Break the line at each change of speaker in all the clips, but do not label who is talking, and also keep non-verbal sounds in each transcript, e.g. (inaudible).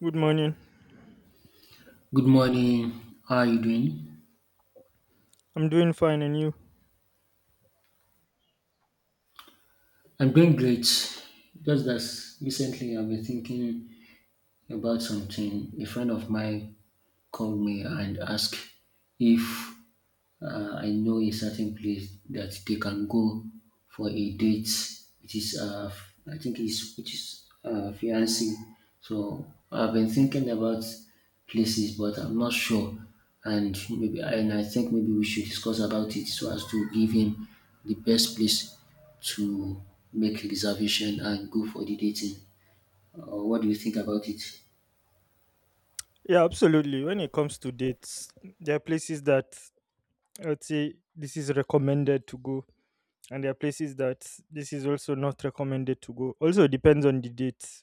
Good morning.
Good morning. How are you doing?
I'm doing fine, and you?
I'm doing great. Just that recently I've been thinking about something. A friend of mine called me and asked if I know a certain place that they can go for a date. It is, I think, is which is fiancé. So I've been thinking about places, but I'm not sure. And maybe, and I think maybe we should discuss about it so as to give him the best place to make reservation and go for the dating. What do you think about it?
Yeah, absolutely. When it comes to dates, there are places that I'd say this is recommended to go, and there are places that this is also not recommended to go. Also depends on the date.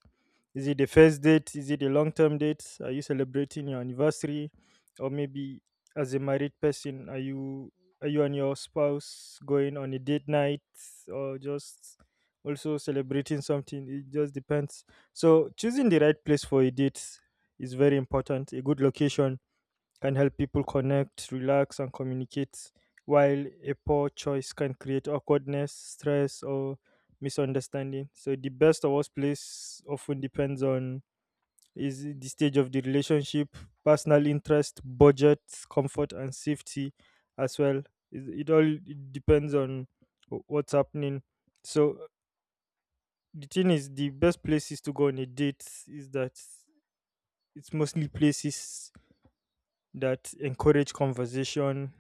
Is it the first date? Is it a long term date? Are you celebrating your anniversary? Or maybe as a married person, are you and your spouse going on a date night or just also celebrating something? It just depends. So choosing the right place for a date is very important. A good location can help people connect, relax, and communicate, while a poor choice can create awkwardness, stress, or misunderstanding. So the best or worst place often depends on is the stage of the relationship, personal interest, budget, comfort, and safety as well. It all it depends on what's happening. So the thing is, the best places to go on a date is that it's mostly places that encourage conversation,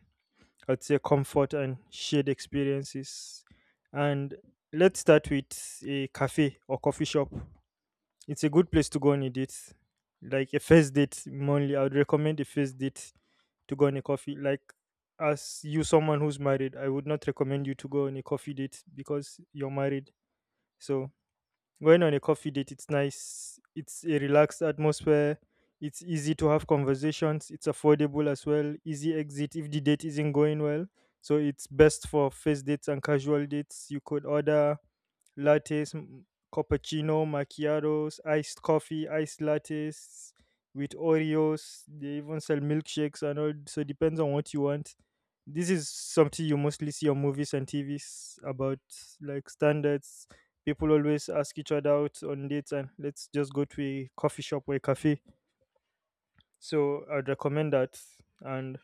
I'd say comfort and shared experiences. And let's start with a cafe or coffee shop. It's a good place to go on a date, like a first date. Mainly, I would recommend a first date to go on a coffee. Like, as you, someone who's married, I would not recommend you to go on a coffee date because you're married. So going on a coffee date, it's nice. It's a relaxed atmosphere. It's easy to have conversations. It's affordable as well. Easy exit if the date isn't going well. So it's best for first dates and casual dates. You could order lattes, cappuccino, macchiatos, iced coffee, iced lattes with Oreos. They even sell milkshakes and all. So it depends on what you want. This is something you mostly see on movies and TVs about like standards. People always ask each other out on dates and let's just go to a coffee shop or a cafe. So I'd recommend that. And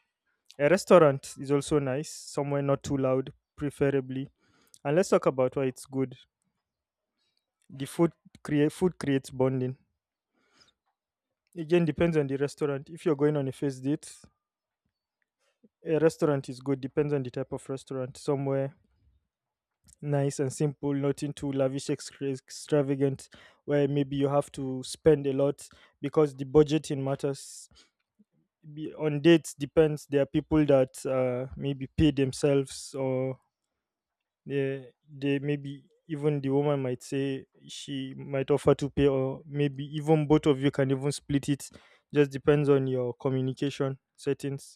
a restaurant is also nice, somewhere not too loud, preferably. And let's talk about why it's good. The food creates bonding. Again, depends on the restaurant. If you're going on a first date, a restaurant is good. Depends on the type of restaurant, somewhere nice and simple, nothing too lavish, extravagant, where maybe you have to spend a lot, because the budgeting matters. On dates depends. There are people that maybe pay themselves, or yeah, they, maybe even the woman might say, she might offer to pay, or maybe even both of you can even split it. Just depends on your communication settings.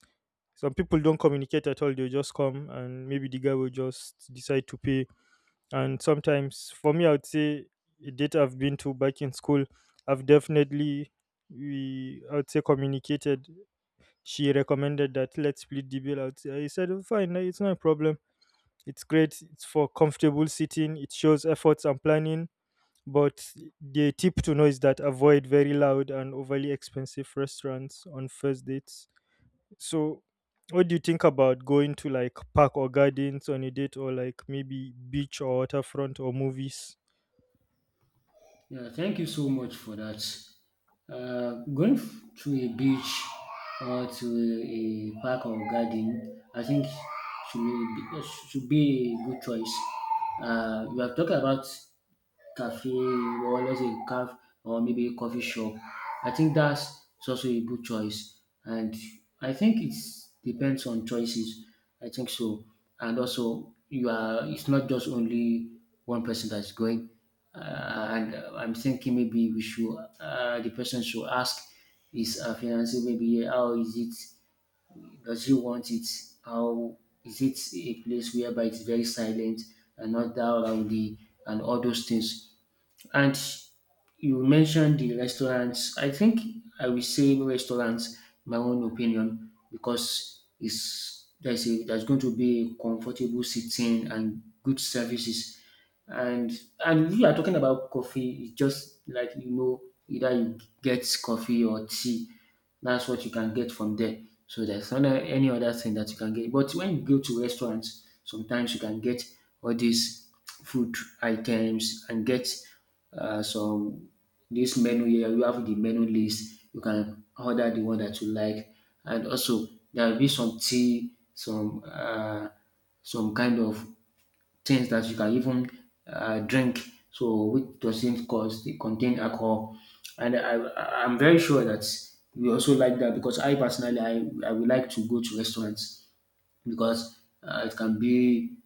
Some people don't communicate at all; they will just come, and maybe the guy will just decide to pay. And sometimes, for me, I would say a date I've been to back in school, I've definitely, we I would say, communicated. She recommended that let's split the bill. I would say, I said, "Oh, fine, it's not a problem, it's great." It's for comfortable sitting. It shows efforts and planning. But the tip to know is that avoid very loud and overly expensive restaurants on first dates. So, what do you think about going to like park or gardens on a date, or like maybe beach or waterfront or movies?
Yeah, thank you so much for that. Going to a beach or to a park or garden, I think should be, should be a good choice. We have talked about cafe or maybe a coffee shop. I think that's it's also a good choice, and I think it's depends on choices. I think so, and also you are. It's not just only one person that's going, and I'm thinking maybe we should the person should ask his fiance. Maybe how is it? Does he want it? How is it a place whereby it's very silent and not that rowdy and all those things? And you mentioned the restaurants. I think I will say no restaurants, my own opinion, because it's there's a there's going to be comfortable sitting and good services. And and if you are talking about coffee, it's just like you know, either you get coffee or tea, that's what you can get from there. So there's not any other thing that you can get. But when you go to restaurants, sometimes you can get all these food items and get some this menu here. You have the menu list. You can order the one that you like, and also there will be some tea, some kind of things that you can even drink, so which doesn't cause they contain alcohol. And I'm very sure that we also like that because I personally I would like to go to restaurants because it can be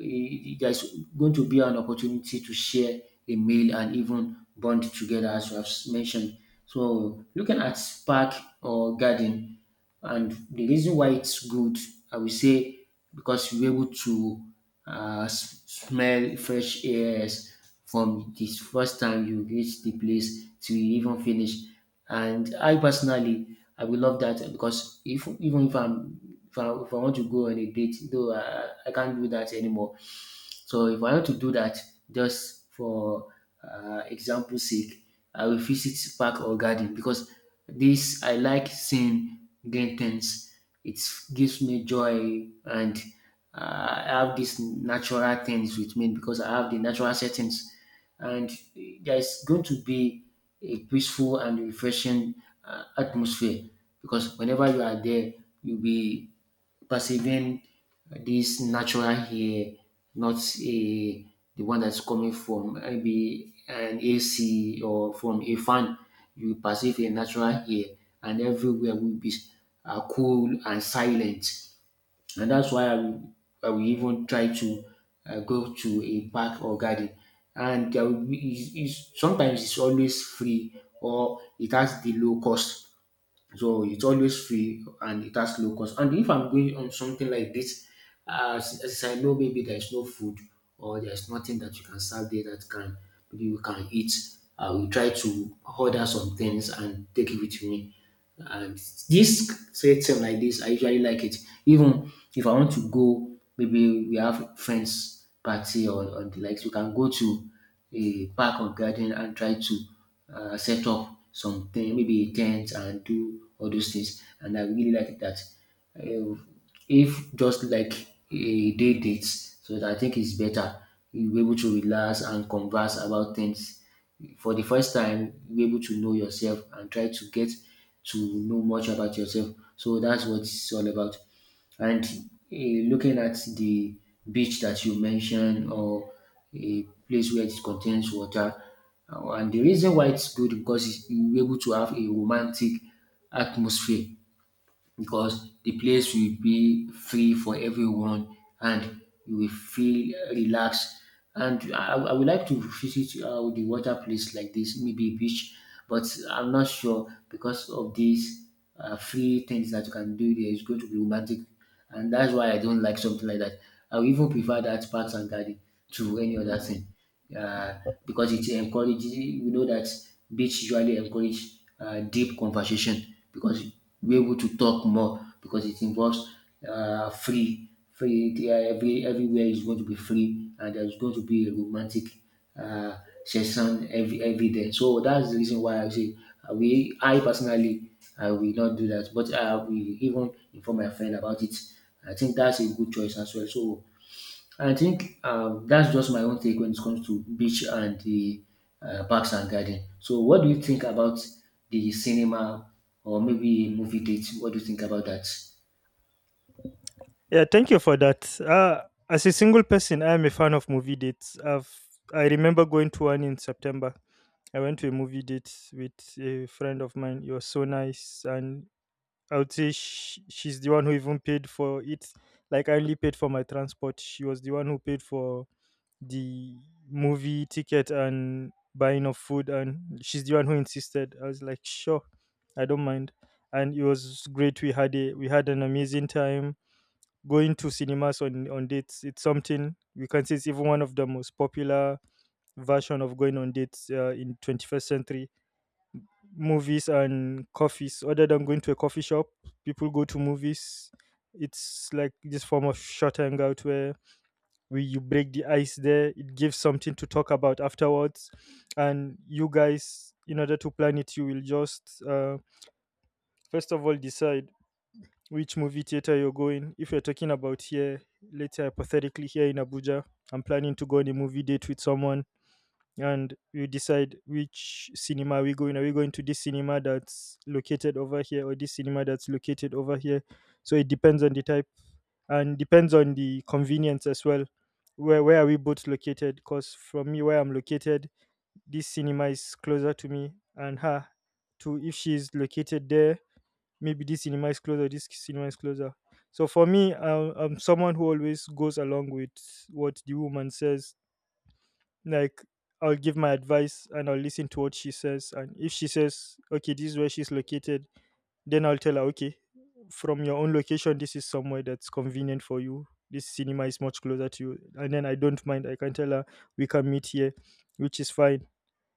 there's going to be an opportunity to share a meal and even bond together as you have mentioned. So looking at park or garden, and the reason why it's good, I will say, because you're able to smell fresh airs from the first time you reach the place till you even finish. And I personally, I will love that because if even if I'm if I want to go on a date, though I can't do that anymore. So if I want to do that just for example sake, I will visit park or garden because this I like seeing green things. It gives me joy and I have these natural things with me because I have the natural settings and there's going to be a peaceful and refreshing atmosphere because whenever you are there, you'll be perceiving this natural air, not a the one that's coming from maybe an AC or from a fan. You perceive a natural air, and everywhere will be cool and silent, and that's why I will even try to go to a park or garden. And there will be, sometimes it's always free or it has the low cost, so it's always free and it has low cost. And if I'm going on something like this, as I know maybe there's no food or there's nothing that you can serve there that can maybe you can eat, I will try to order some things and take it with me. And this setting like this, I usually like it. Even if I want to go, maybe we have friends party or the likes, you can go to a park or garden and try to set up something, maybe a tent and do all those things. And I really like that. Uh, if just like a day date, so that I think it's better. You'll be able to relax and converse about things. For the first time, you'll be able to know yourself and try to get to know much about yourself. So that's what it's all about. And looking at the beach that you mentioned, or a place where it contains water, and the reason why it's good because it's, you're able to have a romantic atmosphere because the place will be free for everyone and you will feel relaxed. And I would like to visit the water place like this, maybe beach, but I'm not sure because of these free things that you can do there. It's going to be romantic, and that's why I don't like something like that. I would even prefer that parks and garden to any other thing, uh, because it encourages. We know that beach usually encourage deep conversation because we're able to talk more because it involves free free there everywhere is going to be free and there's going to be a romantic uh, session every day. So that's the reason why I say we I personally I will not do that, but I will even inform my friend about it. I think that's a good choice as well. So I think that's just my own take when it comes to beach and the parks and garden. So what do you think about the cinema or maybe movie date? What do you think about that?
Yeah, thank you for that. As a single person, I am a fan of movie dates. I remember going to one in September. I went to a movie date with a friend of mine. It was so nice, and I would say sh she's the one who even paid for it. Like, I only paid for my transport. She was the one who paid for the movie ticket and buying of food, and she's the one who insisted. I was like, sure, I don't mind, and it was great. We had an amazing time going to cinemas on dates. It's something we can say it's even one of the most popular version of going on dates in 21st century. Movies and coffees, other than going to a coffee shop, people go to movies. It's like this form of short hangout where we you break the ice there. It gives something to talk about afterwards. And you guys, in order to plan it, you will just first of all decide which movie theater you're going. If you're talking about here, let's say hypothetically, here in Abuja, I'm planning to go on a movie date with someone, and we decide which cinema we go in. Are we going to this cinema that's located over here or this cinema that's located over here? So it depends on the type, and depends on the convenience as well. Where are we both located? Because from me where I'm located, this cinema is closer to me, and her, to, if she's located there, maybe this cinema is closer, this cinema is closer. So for me, I'm someone who always goes along with what the woman says. Like, I'll give my advice and I'll listen to what she says. And if she says, okay, this is where she's located, then I'll tell her, okay, from your own location, this is somewhere that's convenient for you. This cinema is much closer to you. And then I don't mind. I can tell her we can meet here, which is fine.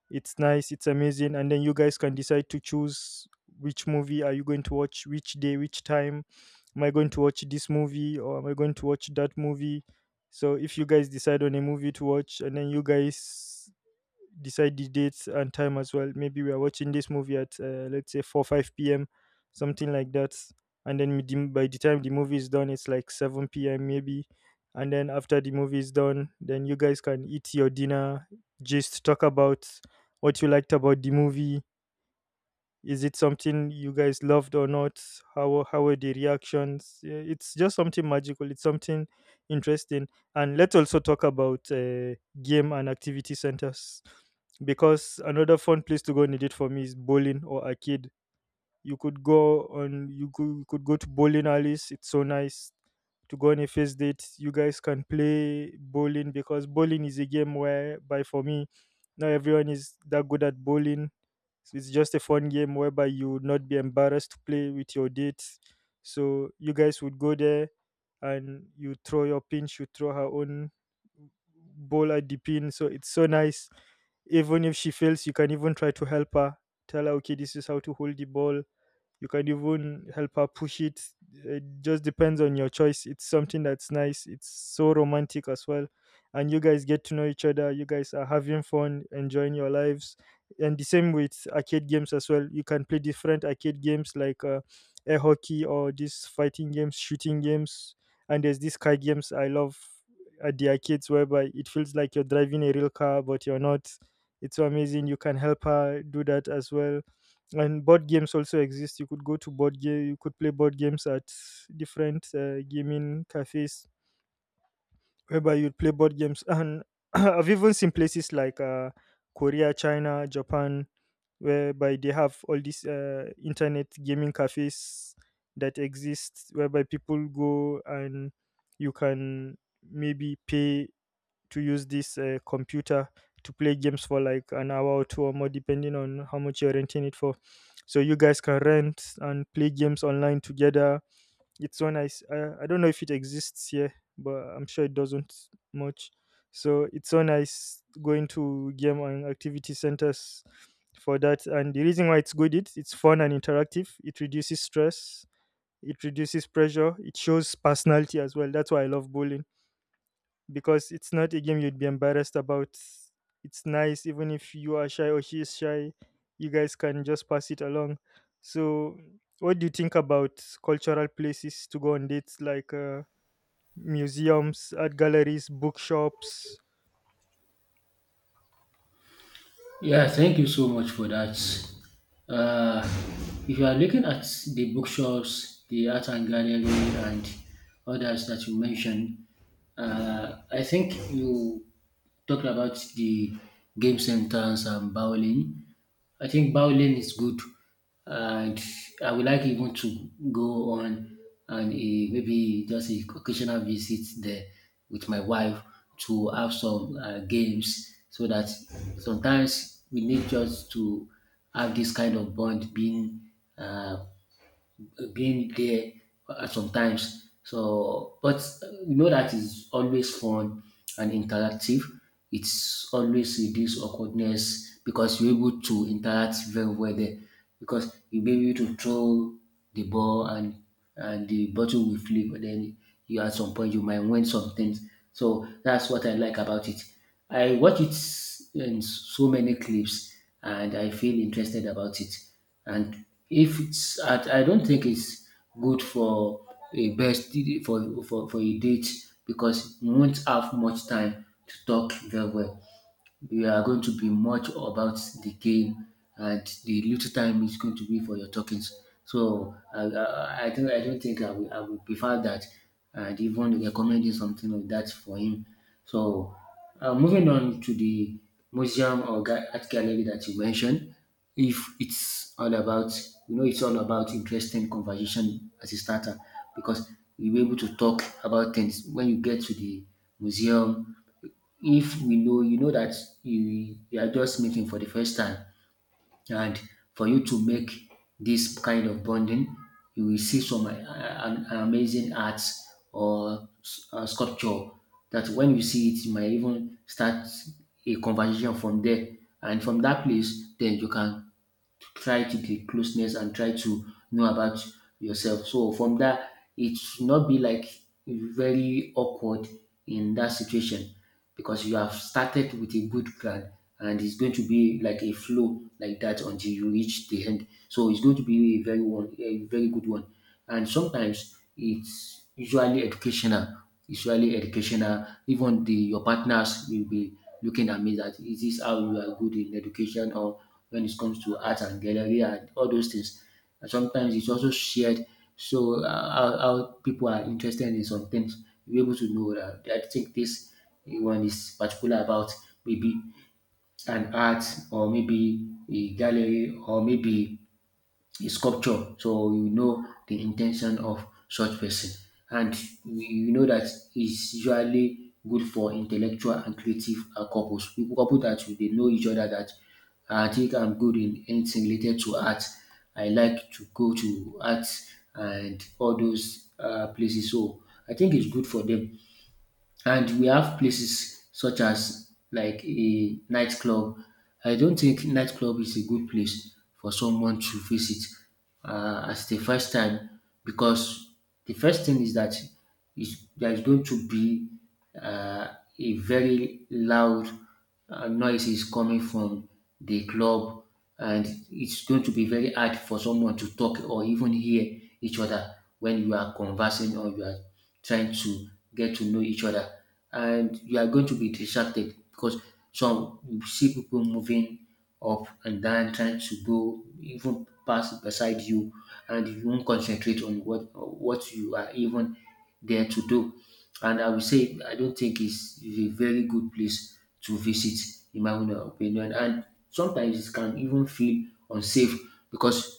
It's nice, it's amazing. And then you guys can decide to choose which movie are you going to watch, which day, which time. Am I going to watch this movie or am I going to watch that movie? So if you guys decide on a movie to watch, and then you guys decide the dates and time as well. Maybe we are watching this movie at let's say 4 5 p.m., something like that. And then by the time the movie is done, it's like 7 p.m. maybe. And then after the movie is done, then you guys can eat your dinner, just talk about what you liked about the movie, is it something you guys loved or not? How were the reactions? Yeah, it's just something magical. It's something interesting. And let's also talk about game and activity centers, because another fun place to go need it for me is bowling or arcade. You could go on, you could go to bowling alleys. It's so nice to go on a first date. You guys can play bowling, because bowling is a game whereby, for me, not everyone is that good at bowling. So it's just a fun game whereby you would not be embarrassed to play with your dates. So you guys would go there and you throw your pin, she would throw her own ball at the pin. So it's so nice. Even if she fails, you can even try to help her, tell her okay, this is how to hold the ball. You could even help her push it. It just depends on your choice. It's something that's nice, it's so romantic as well, and you guys get to know each other. You guys are having fun enjoying your lives. And the same with arcade games as well. You can play different arcade games like air hockey, or these fighting games, shooting games. And there's these car games I love at the arcades, whereby it feels like you're driving a real car but you're not. It's so amazing. You can help her do that as well. And board games also exist. You could go to board game, you could play board games at different gaming cafes, whereby you'd play board games (laughs) and (clears throat) I've even seen places like Korea, China, Japan, whereby they have all these internet gaming cafes that exist, whereby people go and you can maybe pay to use this computer to play games for like an hour or two or more, depending on how much you're renting it for. So you guys can rent and play games online together. It's so nice. I don't know if it exists here, but I'm sure it doesn't much. So it's so nice going to game and activity centers for that. And the reason why it's good, it's fun and interactive. It reduces stress. It reduces pressure. It shows personality as well. That's why I love bowling, because it's not a game you'd be embarrassed about. It's nice, even if you are shy or she is shy, you guys can just pass it along. So, what do you think about cultural places to go on dates like museums, art galleries, bookshops?
Yeah, thank you so much for that. Uh, if you are looking at the bookshops, the art and gallery, and others that you mentioned, I think you talked about the game centers and bowling. I think bowling is good, and I would like even to go on and maybe just a occasional visit there with my wife to have some games, so that sometimes we need just to have this kind of bond uh, being there sometimes. So, but you know that is always fun and interactive. It's always reduce awkwardness because you're able to interact very well there. Because you'll be able to throw the ball, and the bottle will flip. But then you at some point you might win some things. So that's what I like about it. I watch it in so many clips and I feel interested about it, and if it's I don't think it's good for a best for a date because you won't have much time to talk very well. You are going to be much about the game, and the little time is going to be for your talkings. So I don't think I will prefer that and even recommending something of that for him. So moving on to the museum or art gallery that you mentioned, if it's all about you know it's all about interesting conversation as a starter because you'll be able to talk about things when you get to the museum if we know you know that you are just meeting for the first time, and for you to make this kind of bonding you will see some an amazing arts or sculpture that when you see it you might even start a conversation from there, and from that place then you can try to the closeness and try to know about yourself. So from that, it should not be like very awkward in that situation because you have started with a good plan, and it's going to be like a flow like that until you reach the end. So it's going to be a very one, a very good one. And sometimes it's usually educational. Even the your partners will be looking at me that is this how you are good in education or when it comes to art and gallery and all those things. And sometimes it's also shared, so how people are interested in some things. You're able to know that I think this one is particular about maybe an art or maybe a gallery or maybe a sculpture. So you know the intention of such person, and you know that it's usually good for intellectual and creative couples. People couple that will- they know each other that I think I'm good in anything related to art. I like to go to art and all those places. So I think it's good for them, and we have places such as like a nightclub. I don't think nightclub is a good place for someone to visit as the first time because the first thing is that is there is going to be uh, a very loud noise coming from the club, and it's going to be very hard for someone to talk or even hear each other when you are conversing or you are trying to get to know each other. And you are going to be distracted because some you see people moving up and down trying to go even pass beside you, and you won't concentrate on what you are even there to do. And I will say I don't think it's a very good place to visit, in my own opinion. And sometimes it can even feel unsafe because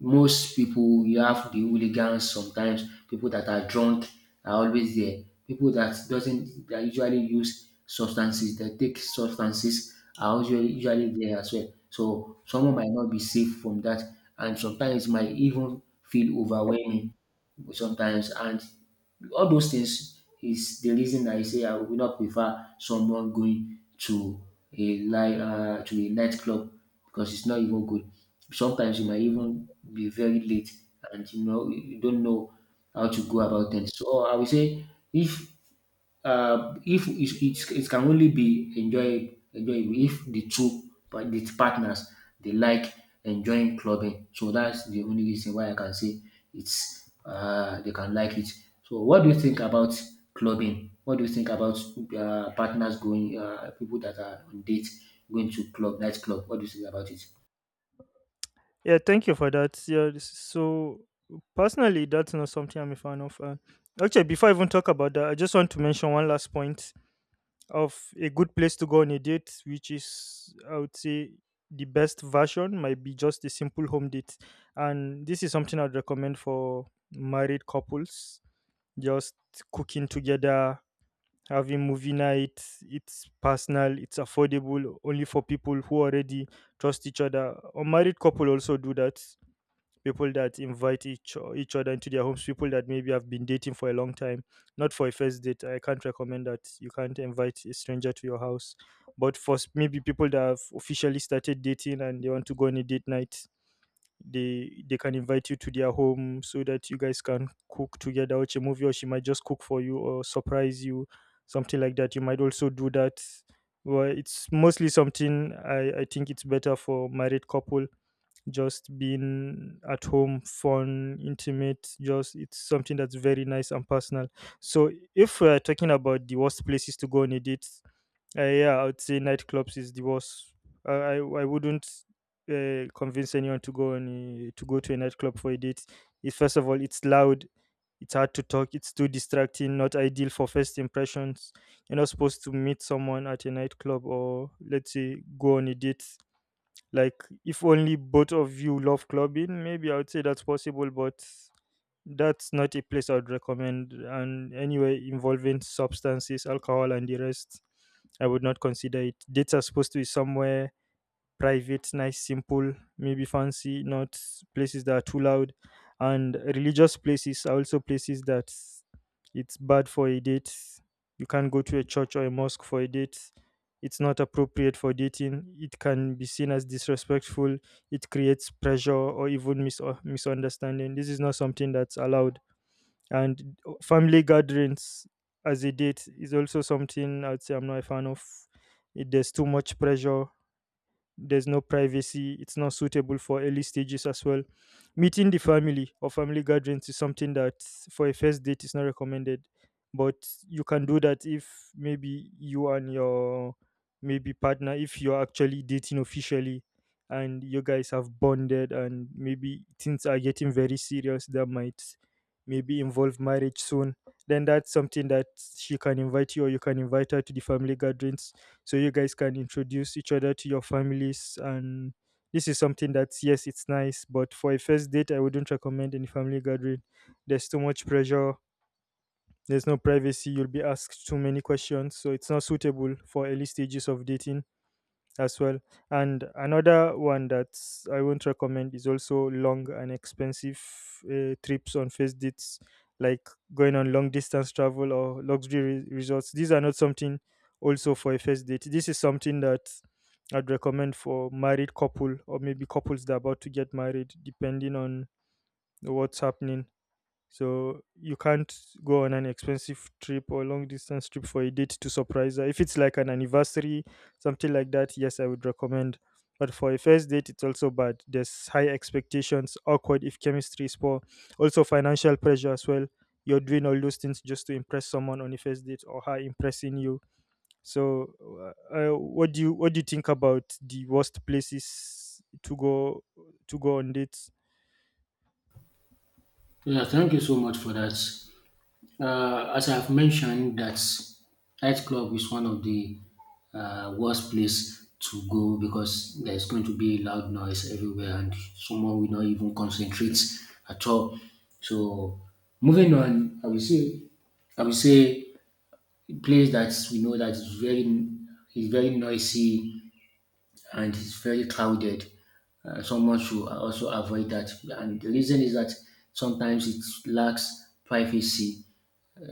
most people you have the hooligans sometimes, people that are drunk are always there. People that doesn't that usually use substances, that take substances are usually there as well. So someone might not be safe from that, and sometimes it might even feel overwhelming sometimes, and all those things is the reason I say I would not prefer someone going to a night to a nightclub because it's not even good. Sometimes you might even be very late and you know you don't know how to go about things. So I will say if if it can only be enjoyable if the two the partners they like enjoying clubbing. So that's the only reason why I can say it's they can like it. So what do you think about clubbing? What do you think about partners going people that are on date going to club nightclub? What do you think about it?
Yeah, thank you for that. So personally, that's not something I'm a fan of. Actually, before I even talk about that, I just want to mention one last point of a good place to go on a date, which is, I would say, the best version might be just a simple home date. And this is something I'd recommend for married couples, just cooking together, having movie night. It's personal, it's affordable, only for people who already trust each other. A married couple also do that, people that invite each other into their homes, people that maybe have been dating for a long time, not for a first date. I can't recommend that. You can't invite a stranger to your house. But for maybe people that have officially started dating and they want to go on a date night, they can invite you to their home so that you guys can cook together, watch a movie, or she might just cook for you or surprise you, something like that. You might also do that. Well, it's mostly something I think it's better for married couple, just being at home, fun, intimate, just it's something that's very nice and personal. So if we're talking about the worst places to go on a date, yeah, I would say nightclubs is the worst. I wouldn't convince anyone to go on to go to a nightclub for a date. It, first of all, it's loud. It's hard to talk. It's too distracting. Not ideal for first impressions. You're not supposed to meet someone at a nightclub or let's say go on a date, like, if only both of you love clubbing, maybe I would say that's possible, but that's not a place I would recommend. And anyway, involving substances, alcohol, and the rest, I would not consider it. Dates are supposed to be somewhere private, nice, simple, maybe fancy, not places that are too loud. And religious places are also places that it's bad for a date. You can't go to a church or a mosque for a date. It's not appropriate for dating. It can be seen as disrespectful. It creates pressure or even mis- or misunderstanding. This is not something that's allowed. And family gatherings as a date is also something I'd say I'm not a fan of. It, there's too much pressure, there's no privacy, it's not suitable for early stages as well. Meeting the family or family gatherings is something that for a first date is not recommended. But you can do that if maybe you and your maybe partner, if you're actually dating officially and you guys have bonded and maybe things are getting very serious, that might maybe involve marriage soon, then that's something that she can invite you or you can invite her to the family gatherings, so you guys can introduce each other to your families. And this is something that, yes, it's nice, but for a first date I wouldn't recommend any family gathering. There's too much pressure, there's no privacy, you'll be asked too many questions, so it's not suitable for early stages of dating as well. And another one that I won't recommend is also long and expensive trips on first dates, like going on long distance travel or luxury resorts. These are not something also for a first date. This is something that I'd recommend for married couple or maybe couples that are about to get married, depending on what's happening. So you can't go on an expensive trip or long distance trip for a date to surprise her. If it's like an anniversary, something like that, yes, I would recommend. But for a first date, it's also bad. There's high expectations, awkward if chemistry is poor, also financial pressure as well. You're doing all those things just to impress someone on a first date or her impressing you. So, what do you think about the worst places to go on dates?
Yeah, thank you so much for that. As I've mentioned, that nightclub is one of the worst place to go because there's going to be loud noise everywhere and someone will not even concentrate at all. So moving on, I will say a place that we know that is very noisy and it's very crowded. Someone should also avoid that. And the reason is that sometimes it lacks privacy.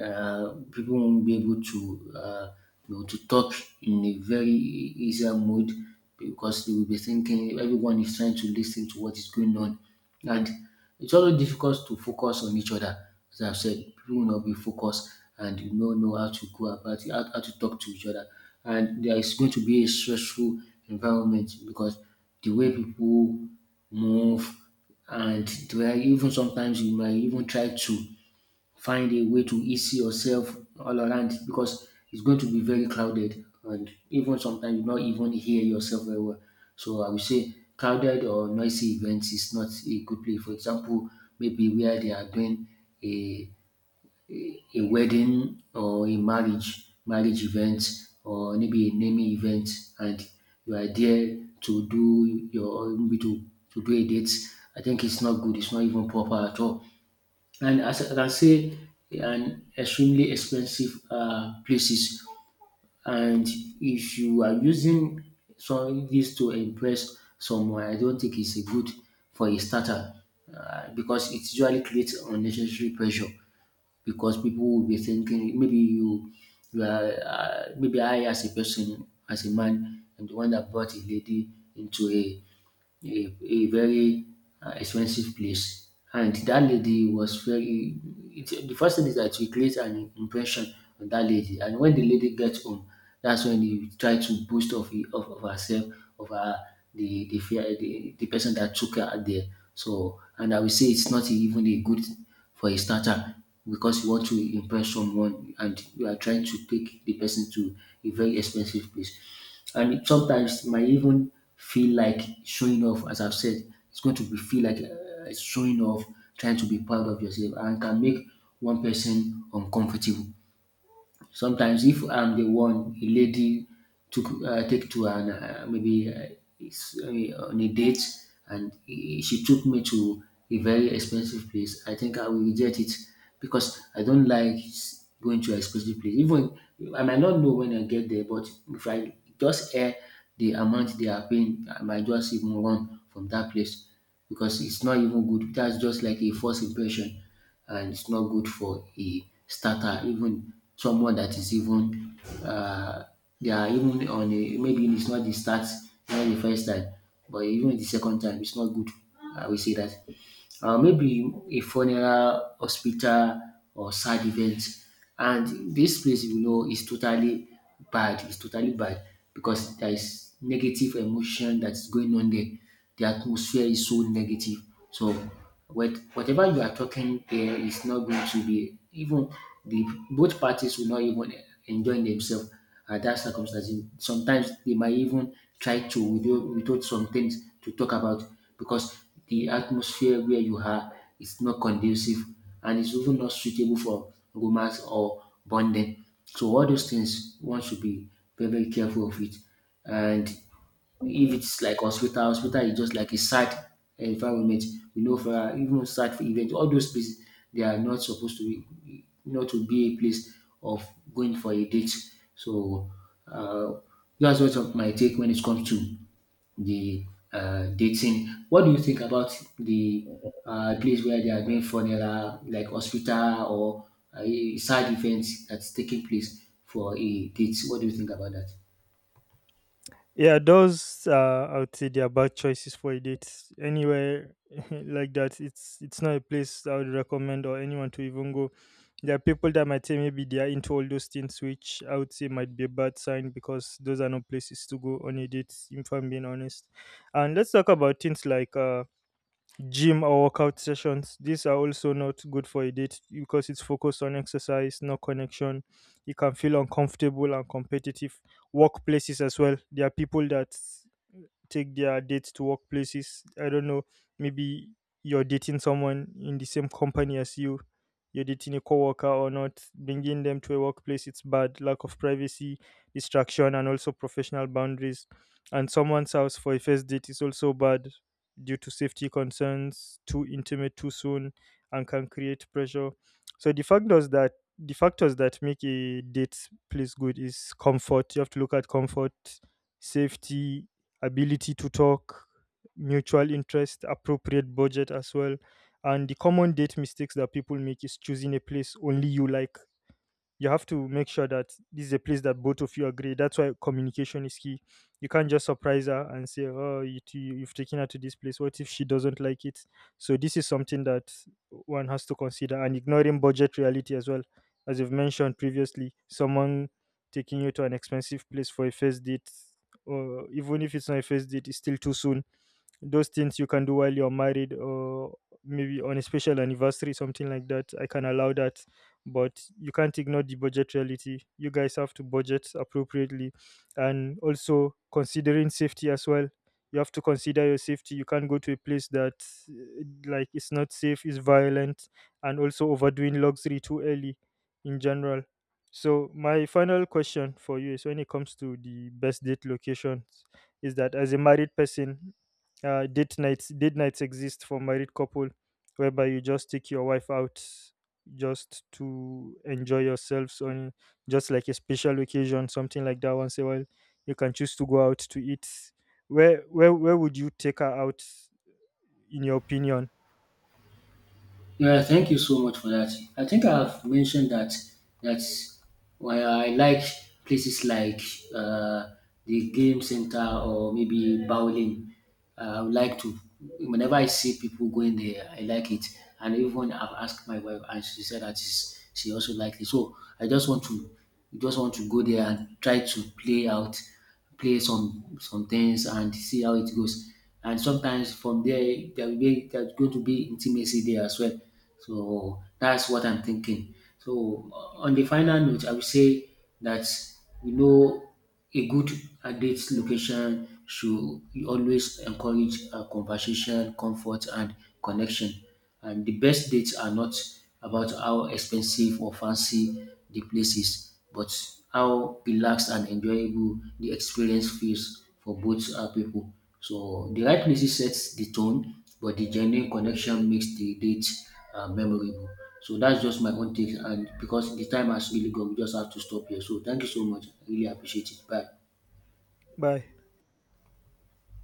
People won't be able to you know, to talk in a very easier mood because they will be thinking everyone is trying to listen to what is going on, and it's always difficult to focus on each other. As I've said, people will not be focused and you don't know how to go about it, how to talk to each other, and there is going to be a stressful environment because the way people move and the way even sometimes you might even try to find a way to ease yourself all around because it's going to be very crowded and even sometimes you not even hear yourself very well. So I would say crowded or noisy events is not a good place. For example, maybe where they are doing a a wedding or a marriage event or maybe a naming event, and you are there to do your or maybe to do a date. I think it's not good, it's not even proper at all. And as I can say, an extremely expensive places. And if you are using some this to impress someone, I don't think it's a good for a starter, because it usually creates unnecessary pressure because people will be thinking maybe you are maybe I as a person as a man am the one that brought a lady into a very expensive place. And that lady was very. It, the first thing is that we create an impression on that lady. And when the lady gets home, that's when you try to boast of herself, of her, fear, the person that took her there. So, and I will say it's not even a good for a starter because you want to impress someone and you are trying to take the person to a very expensive place, and it, sometimes might even feel like showing off, as I've said. It's going to be feel like showing off, trying to be proud of yourself, and can make one person uncomfortable. Sometimes if I'm the one a lady took take to it's, uh, on a date, and she took me to a very expensive place, I think I will reject it because I don't like going to an expensive place. Even I might not know when I get there, but if I just hear the amount they are paying, I might just even run from that place because it's not even good. That's just like a false impression, and it's not good for a starter, even someone that is even they are even on a maybe it's not the start, not the first time, but even the second time, it's not good. I will say that maybe a funeral, hospital, or sad event. And this place, you know, is totally bad. It's totally bad because there is negative emotion that's going on there. The atmosphere is so negative. So, whatever you are talking there is not going to be even the both parties will not even enjoy themselves at that circumstances. Sometimes they might even try to withhold, withhold some things to talk about because the atmosphere where you are is not conducive, and it's even not suitable for romance or bonding. So all those things one should be very, very careful of it. And if it's like hospital, hospital is just like a sad environment. We know for even sad event, all those places they are not supposed to be not to be a place of going for a date. So uh, that's what of my take when it comes to the dating. What do you think about the place where they are doing funeral, like hospital or a sad event that's taking place for a date? What do you think about that?
Yeah, those I would say they are bad choices for a date. Anywhere (laughs) like that, it's not a place I would recommend or anyone to even go. There are people that might say maybe they are into all those things, which I would say might be a bad sign because those are not places to go on a date. If I'm being honest, and let's talk about things like gym or workout sessions. These are also not good for a date because it's focused on exercise, no connection. You can feel uncomfortable and competitive. Workplaces as well. There are people that take their dates to workplaces. I don't know. Maybe you're dating someone in the same company as you. You're dating a coworker or not. Bringing them to a workplace, it's bad. Lack of privacy, distraction, and also professional boundaries. And someone's house for a first date is also bad due to safety concerns. Too intimate too soon, and can create pressure. So the factors that make a date place good is comfort. You have to look at comfort, safety, ability to talk, mutual interest, appropriate budget as well. And the common date mistakes that people make is choosing a place only you like. You have to make sure that this is a place that both of you agree. That's why communication is key. You can't just surprise her and say, "Oh, you, you've taken her to this place. What if she doesn't like it?" So this is something that one has to consider, and ignoring budget reality as well, as you've mentioned previously. Someone taking you to an expensive place for a first date, or even if it's not a first date, it's still too soon. Those things you can do while you're married or maybe on a special anniversary, something like that, I can allow that. But you can't ignore the budget reality. You guys have to budget appropriately, and also considering safety as well. You have to consider your safety. You can't go to a place that, like, it's not safe, it's violent. And also overdoing luxury too early in general. So my final question for you is, when it comes to the best date locations, is that as a married person, date nights, date nights exist for married couple, whereby you just take your wife out just to enjoy yourselves on, just like a special occasion, something like that, once a while. You can choose to go out to eat. Where would you take her out, in your opinion?
Yeah, thank you so much for that. I think I've mentioned that that why I like places like uh, the game center or maybe bowling. I would like to whenever I see people going there, I like it. And even I've asked my wife, and she said that is she also likes it. So I just want to go there and try to play out play some things and see how it goes. And sometimes from there there will be there's going to be intimacy there as well. So that's what I'm thinking. So on the final note, I would say that you know a good date location should always encourage conversation, comfort, and connection. And the best dates are not about how expensive or fancy the place is, but how relaxed and enjoyable the experience feels for both people. So the right music sets the tone, but the genuine connection makes the date memorable. So that's just my own take, and because the time has really gone, we just have to stop here. So thank you so much. I really appreciate it. Bye.
Bye.